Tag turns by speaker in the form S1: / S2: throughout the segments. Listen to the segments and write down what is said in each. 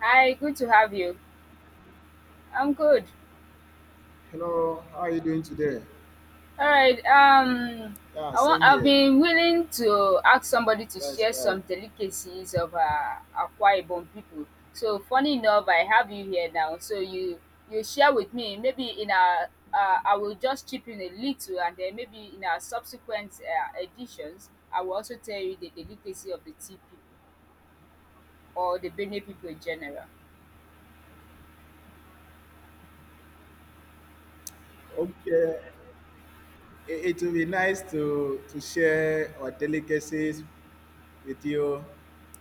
S1: Hi, good to have you. I'm good.
S2: Hello, how are you doing today?
S1: All right. Um,
S2: Yeah,
S1: I want.
S2: same
S1: I've
S2: here.
S1: been willing to ask somebody to
S2: That's
S1: share some
S2: right.
S1: delicacies of Akwa Ibom people. So funny enough, I have you here now. So you share with me. Maybe in a I will just chip in a little, and then maybe in our subsequent editions, I will also tell you the delicacy of the tea people or the Benue people in general.
S2: Okay, it will be nice to share our delicacies with you,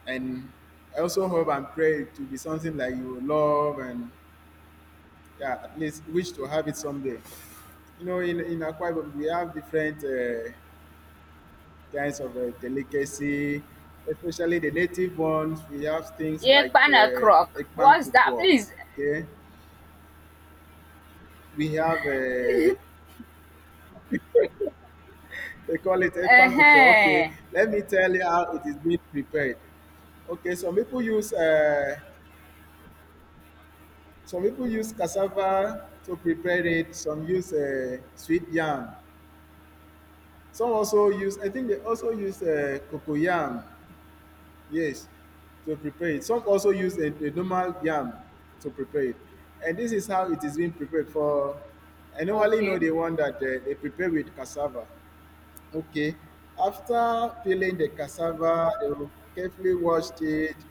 S2: and I also hope and pray it to be something that you love and yeah, at least wish to have it someday. In Akwa Ibom, we have different kinds of delicacy, especially the native ones. We have things
S1: Yeah,
S2: like
S1: pan crock.
S2: ekpan
S1: What's that,
S2: kukwo.
S1: please?
S2: Okay, we have they call it
S1: Uh
S2: ekpanguko. Okay,
S1: huh.
S2: let me tell you how it is being prepared. Okay, some people use cassava to prepare it. Some use sweet yam. Some also use I think they also use cocoyam. Yes, to prepare it. Some also use a normal yam to prepare it. And this is how it is being prepared for. I normally
S1: Okay.
S2: know the one that they prepare with cassava. Okay. After peeling the cassava, they will carefully wash it.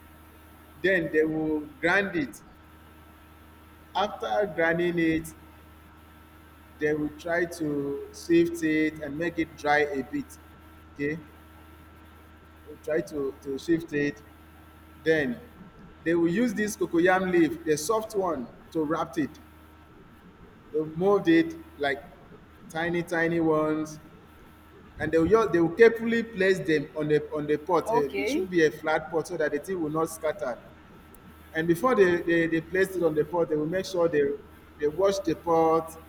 S2: Then they will grind it. After grinding it, they will try to sift it and make it dry a bit. Okay. We'll try to shift it. Then they will use this cocoyam leaf, the soft one, to wrap it. They'll mold it like tiny, tiny ones, and they will carefully place them on the pot. Eh, it
S1: Okay.
S2: should be a flat pot so that the thing will not scatter. And before they place it on the pot, they will make sure they wash the pot.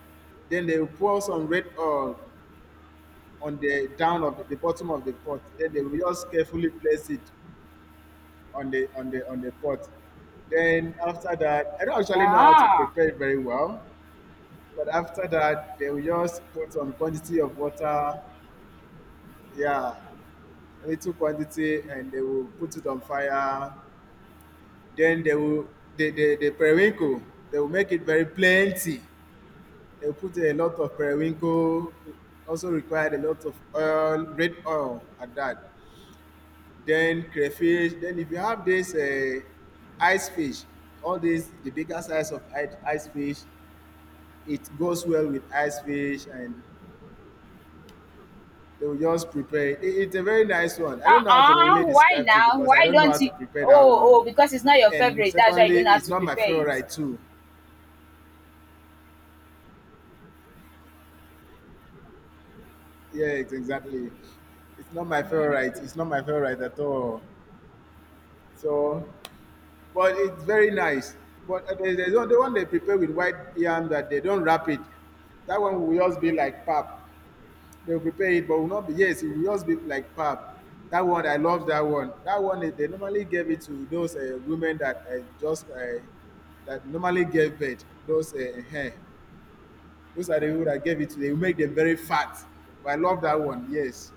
S2: Then they will pour some red oil on the down of the bottom of the pot. Then they will just carefully place it on the pot. Then after that, I don't actually know how to
S1: Ah.
S2: prepare it very well. But after that, they will just put some quantity of water. Yeah, little quantity, and they will put it on fire. Then the periwinkle, they will make it very plenty. They will put a lot of periwinkle. Also required a lot of oil, red oil at that. Then crayfish. Then if you have this ice fish, all this the bigger size of ice fish, it goes well with ice fish. And they will just prepare it. It's a very nice one. I don't
S1: Ah.
S2: know how to
S1: Ah.
S2: really
S1: Why
S2: describe it
S1: now?
S2: because I
S1: Why
S2: don't know how
S1: don't
S2: to
S1: you?
S2: prepare that
S1: Oh,
S2: one.
S1: oh, because it's not your
S2: And
S1: favorite. That's why you
S2: secondly,
S1: don't know how
S2: it's
S1: to
S2: not my
S1: prepare it.
S2: favorite too. Yeah, it's exactly. It's not my
S1: Mm.
S2: favorite. It's not my favorite at all. So, but it's very nice. But there's the one they prepare with white yam that they don't wrap it. That one will just be like pap. They'll prepare it, but will not be. Yes, it will just be like pap. That one, I love that one. That one, they normally gave it to those women that normally gave birth. Those hair. Those are the people that gave it to. They will make them very fat. But I love that one. Yes,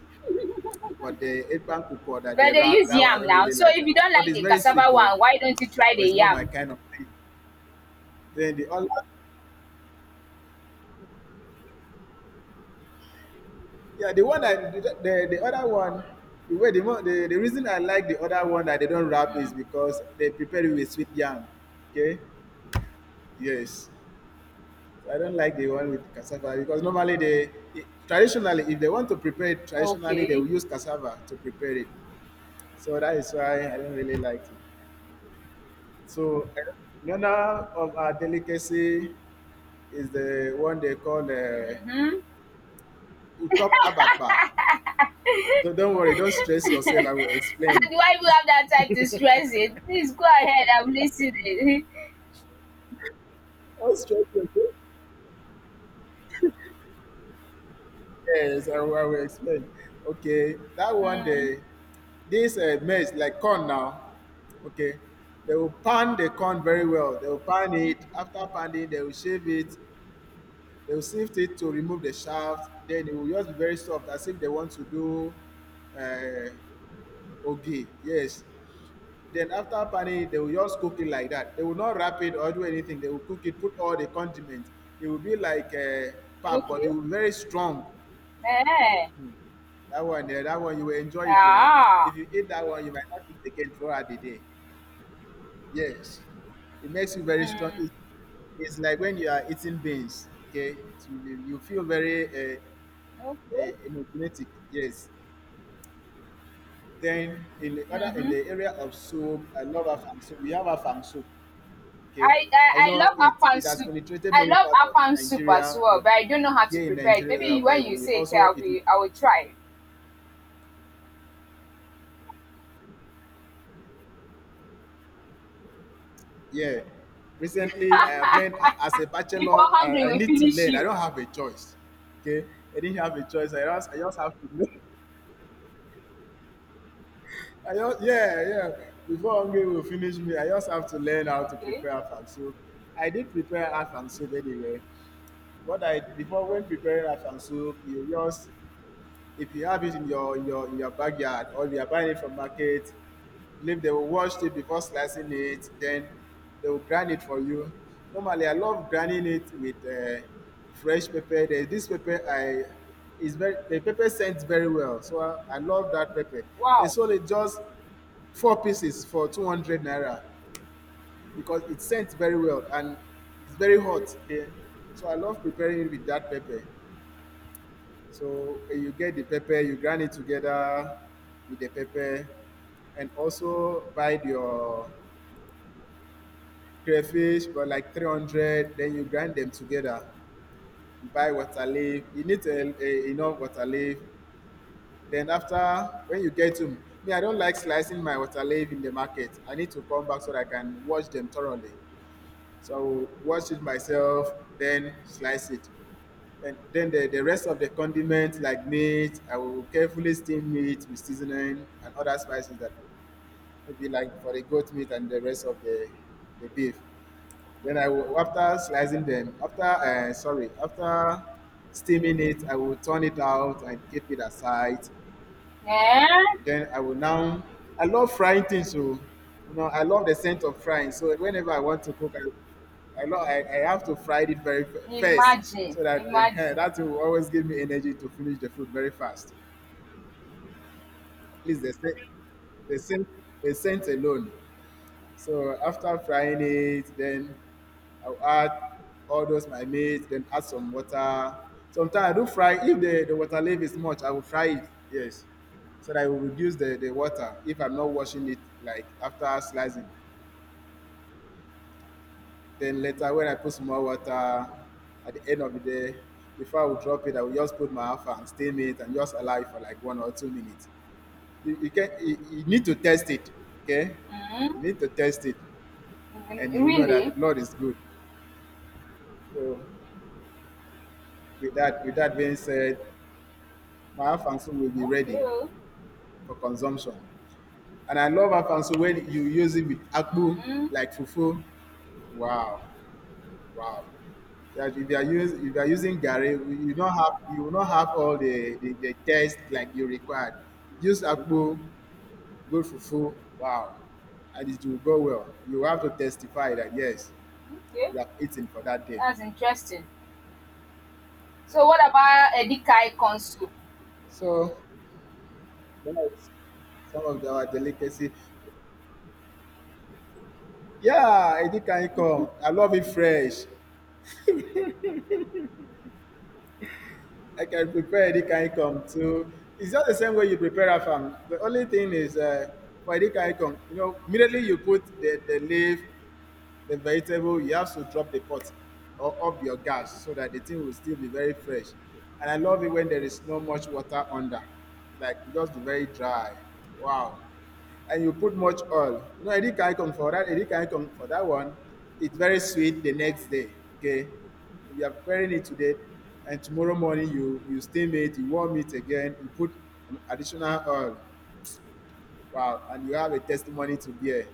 S2: but the eggplant kuko that
S1: But
S2: they
S1: they
S2: wrap,
S1: use
S2: that one I
S1: yam
S2: don't
S1: now.
S2: really
S1: So
S2: like
S1: if you
S2: that one.
S1: don't
S2: But
S1: like
S2: it's
S1: the
S2: very
S1: cassava
S2: sweet though.
S1: one, why don't you try the
S2: But it's not my
S1: yam?
S2: kind of thing. Then the other the other one, the way the mo- the reason I like the other one that they don't wrap is
S1: Mm.
S2: because they prepare it with sweet yam. Okay, yes. So I don't like the one with cassava because traditionally if they want to prepare it traditionally, they
S1: Okay.
S2: will use cassava to prepare it. So that is why I don't really like it. So another of our delicacy is the one they call
S1: Mm-hmm.
S2: utop abapa. Don't worry, don't stress yourself. I will
S1: And
S2: explain.
S1: why you have that time to stress it? Please go ahead. I'm listening.
S2: Don't stress yourself. Yes, I will explain. Okay, that one
S1: mm.
S2: day, this maize like corn now. Okay, they will pan the corn very well. They will pan it. After panning, they will shave it. They will sift it to remove the shaft. Then it will just be very soft, as if they want to do uh, ogi. Yes. Then after panning, they will just cook it like that. They will not wrap it or do anything. They will cook it, put all the condiments. It will be like a pap, but
S1: Okay.
S2: it will be very strong.
S1: Eh.
S2: That one there, that one you will enjoy it though.
S1: Ah.
S2: If you eat that one, you might not eat again throughout the day. Yes. It makes you very strong.
S1: Mm.
S2: It's like when you are eating beans, okay? So you you, feel very
S1: Okay.
S2: energetic, yes. Then in
S1: Mm-hmm.
S2: the area of soup, I love afang soup. We have afang soup, okay?
S1: I I
S2: I
S1: I
S2: know
S1: love
S2: it,
S1: afan
S2: it has
S1: soup.
S2: penetrated
S1: I
S2: many
S1: love
S2: parts of
S1: afan soup as
S2: Nigeria,
S1: well,
S2: but
S1: but I don't know how to
S2: here in
S1: prepare it.
S2: Nigeria,
S1: Maybe
S2: Akwa
S1: when you
S2: Ibom, we
S1: say it,
S2: also eat it.
S1: I will try.
S2: Yeah. Recently, I have learned as a
S1: Before
S2: bachelor,
S1: hungry
S2: I
S1: we
S2: need to
S1: finish
S2: learn. I
S1: you.
S2: don't have a choice. Okay. I didn't have a choice. I just have to learn. Yeah, yeah. Before Hungary will finish me, I just have to learn how to
S1: Okay.
S2: prepare afang soup. I did prepare afang soup anyway. What I Before, when preparing afang soup, you just if you have it in your in your backyard or if you are buying it from market, believe they will wash it before slicing it, then they will grind it for you. Normally, I love grinding it with fresh pepper. The pepper scents very well, so I love that pepper. They
S1: Wow.
S2: sold it just four pieces for 200 naira because it scents very well and it's very hot. Okay, so I love preparing it with that pepper. So you get the pepper, you grind it together with the pepper, and also buy your crayfish for like 300, then you grind them together. You buy water leaf, you need enough water leaf. Then after, when you get them, me, I don't like slicing my water leaf in the market. I need to come back so that I can wash them thoroughly. So wash it myself, then slice it. And then the rest of the condiments like meat, I will carefully steam meat with seasoning and other spices that maybe like for the goat meat and the rest of the beef. Then I will, after slicing them, after, after steaming it, I will turn it out and keep it aside.
S1: Eh?
S2: Then I will now. I love frying things, so you know I love the scent of frying. So whenever I want to cook, I have to fry it very first,
S1: Imagine.
S2: so that
S1: Imagine.
S2: that will always give me energy to finish the food very fast. At least the scent, the scent, the scent alone. So after frying it, then I'll add all those my meat, then add some water. Sometimes I do fry, if the water level is much, I will fry it, yes. So that I will reduce the water if I'm not washing it, like after slicing. Then later when I put some more water at the end of the day, before I will drop it, I will just put my alpha and steam it and just allow it for like 1 or 2 minutes. you you can you you, need to test it, okay?
S1: Mm-hmm.
S2: You need to test it and
S1: Mm-hmm.
S2: you know that the
S1: Really?
S2: Lord is good. So, with that being said, my afansu will be ready
S1: Okay. Oh.
S2: for consumption. And I love afansu when you use it with akpu,
S1: Mhm.
S2: like fufu. Wow, wow. If you are using gari, you will not have all the taste like you required. Use
S1: Mhm.
S2: akpu, good fufu. Wow, and it will go well. You have to testify that yes,
S1: Okay.
S2: you have eaten for that day.
S1: That's interesting. So what about edikai corn soup?
S2: So that's some of our delicacy. Yeah, any kind come. I love it fresh. I can prepare any kind come too. It's just the same way you prepare afam. The only thing is for any kind come, immediately you put the vegetable, you have to drop the pot or off your gas so that the thing will still be very fresh. And I love it when there is not much water under, like just be very dry. Wow. And you put much oil. You know, Eddie Kaikon for that one, it's very sweet the next day. Okay. If you are preparing it today and tomorrow morning you you steam it, you warm it again, you put additional oil. Wow. And you have a testimony to bear.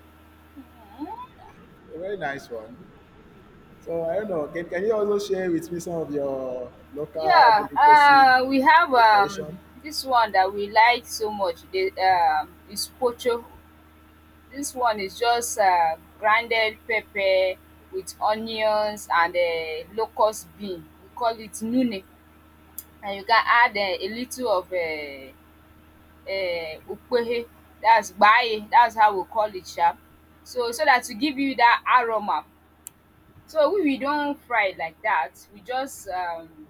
S1: Mhm.
S2: A very nice one. So I don't know. Can you also share with me some of your local
S1: Yeah,
S2: delicacy,
S1: we have
S2: the tradition?
S1: this one that we like so much. The is pocho. This one is just grounded pepper with onions and locust bean. We call it nune, and you can add a little of ukpehe, that's gbaye, that's how we call it sha. So that to give you that aroma. So when we don fry it like that, we just um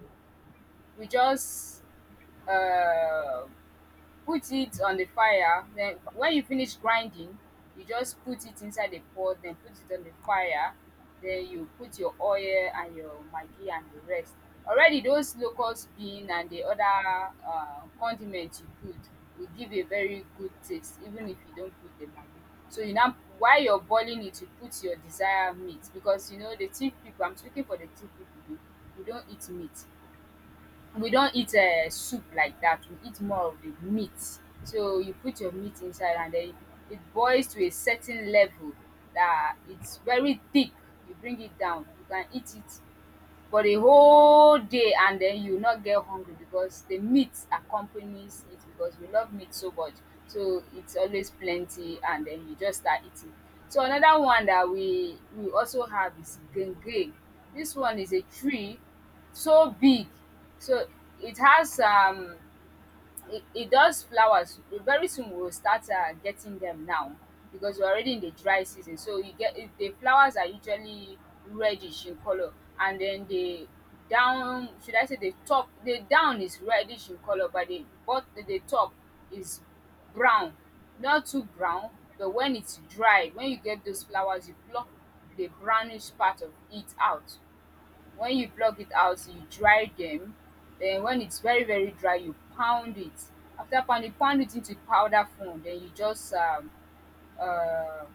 S1: we just um put it on the fire, then when you finish grinding, you just put it inside the pot, then put it on the fire, then you put your oil and your maggi and the rest. Already those locust bean and the other condiment you put will give a very good taste even if you don't put the maggi. So you now, while you're boiling it, you put your desired meat, because you know the thief people, I'm speaking for the thief people though, we don't eat meat, we don't eat soup like that, we eat more of the meat. So you put your meat inside, and then it boils to a certain level that it's very thick, you bring it down, you can eat it for the whole day, and then you will not get hungry because the meat accompanies it, because we love meat so much. So it's always plenty, and then you just start eating. So another one that we also have is Gange. This one is a tree, so big. So it has it does flowers. Very soon we will start getting them now, because we're already in the dry season. So you get it- the flowers are usually reddish in color. And then the down, should I say the top, the down is reddish in color, but the the top is brown, not too brown. But when it's dried, when you get those flowers, you pluck the brownish part of it out. When you pluck it out, you dry them. Then when it's very very dry, you pound it. After pounding, pound it into powder form. Then you just uh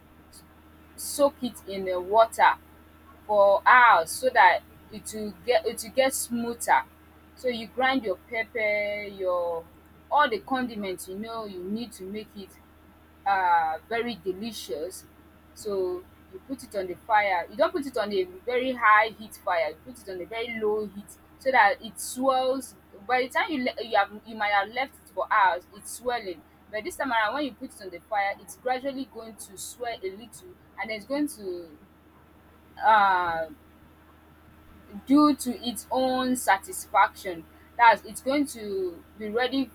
S1: soak it in water for hours so that it will get smoother. So you grind your pepper, your all the condiments. You know you need to make it very delicious. So you put it on the fire. You don't put it on a very high heat fire. You put it on a very low heat so that it swells. By the time you have, you might have left it for hours, it's swelling. But this time around, when you put it on the fire, it's gradually going to swell a little, and it's going to uh, do to its own satisfaction. That's it's going to be ready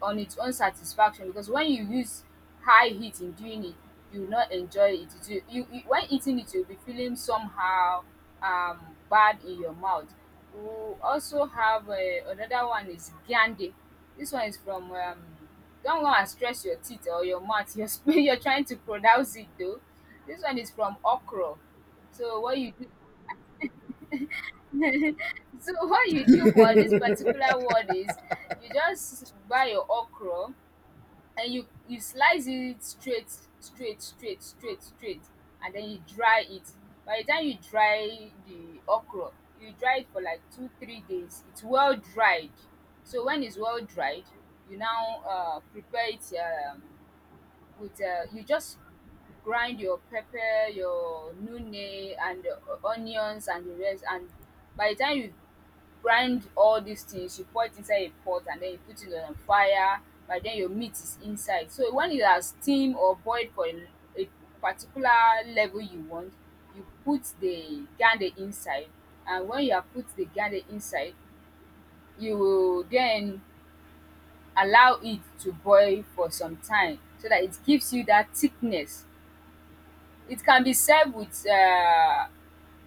S1: on its own satisfaction, because when you use high heat in doing it, you will not enjoy it. It will, you when eating it, you'll be feeling somehow bad in your mouth. We also have another one is gyande. This one is from don't go and stress your teeth or your mouth. You're, you're trying to pronounce it though. This one is from okra. So what you do, so what you do for this particular word is you just buy your okra, and you slice it straight straight, and then you dry it. By the time you dry the okra, you dry it for like 2 3 days, it's well dried. So when it's well dried, you now prepare it, um with you just grind your pepper, your nune and the onions and the rest. And by the time you grind all these things, you pour it inside a pot and then you put it on fire. By then your meat is inside. So when it has steamed or boiled for a particular level you want, you put the garlic inside. And when you have put the garlic inside, you will then allow it to boil for some time, so that it gives you that thickness. It can be served with uh,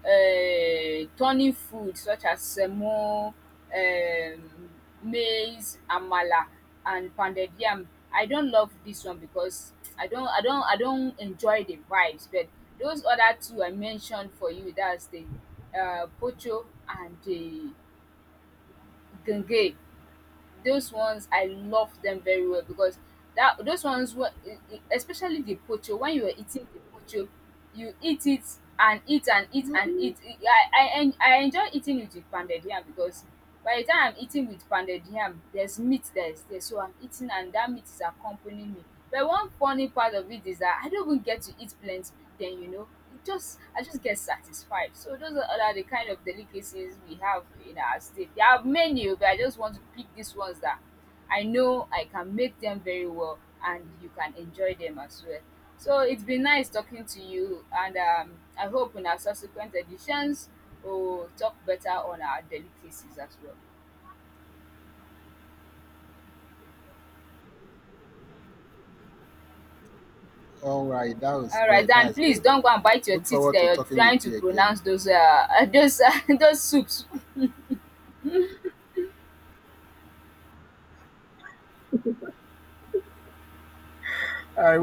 S1: uh, turning food such as semo, maize, amala and pounded yam. I don't love this one because I don't I don't enjoy the vibes. But those other two I mentioned for you, that's the pocho and the gange, those ones I love them very well, because that those ones were especially the pocho. When you were eating the pocho, you eat it and eat and eat and eat. E, I enjoy eating it with pounded yam, because by the time I'm eating with pounded yam, there's meat that is there, so I'm eating and that meat is accompanying me. But one funny part of it is that I don't even get to eat plenty, then you know it just, I just get satisfied. So those are the kind of delicacies we have in our state. There are many, but I just want to pick these ones that I know I can make them very well, and you can enjoy them as well. So it's been nice talking to you, and I hope in our subsequent editions we'll talk better on our delicacies as well.
S2: All right, that was
S1: All right,
S2: great. That
S1: Dan,
S2: is
S1: please
S2: great.
S1: don't go and bite your
S2: Look
S1: teeth
S2: forward to
S1: there. You're
S2: talking with
S1: trying to
S2: you again.
S1: pronounce those those those soups.
S2: I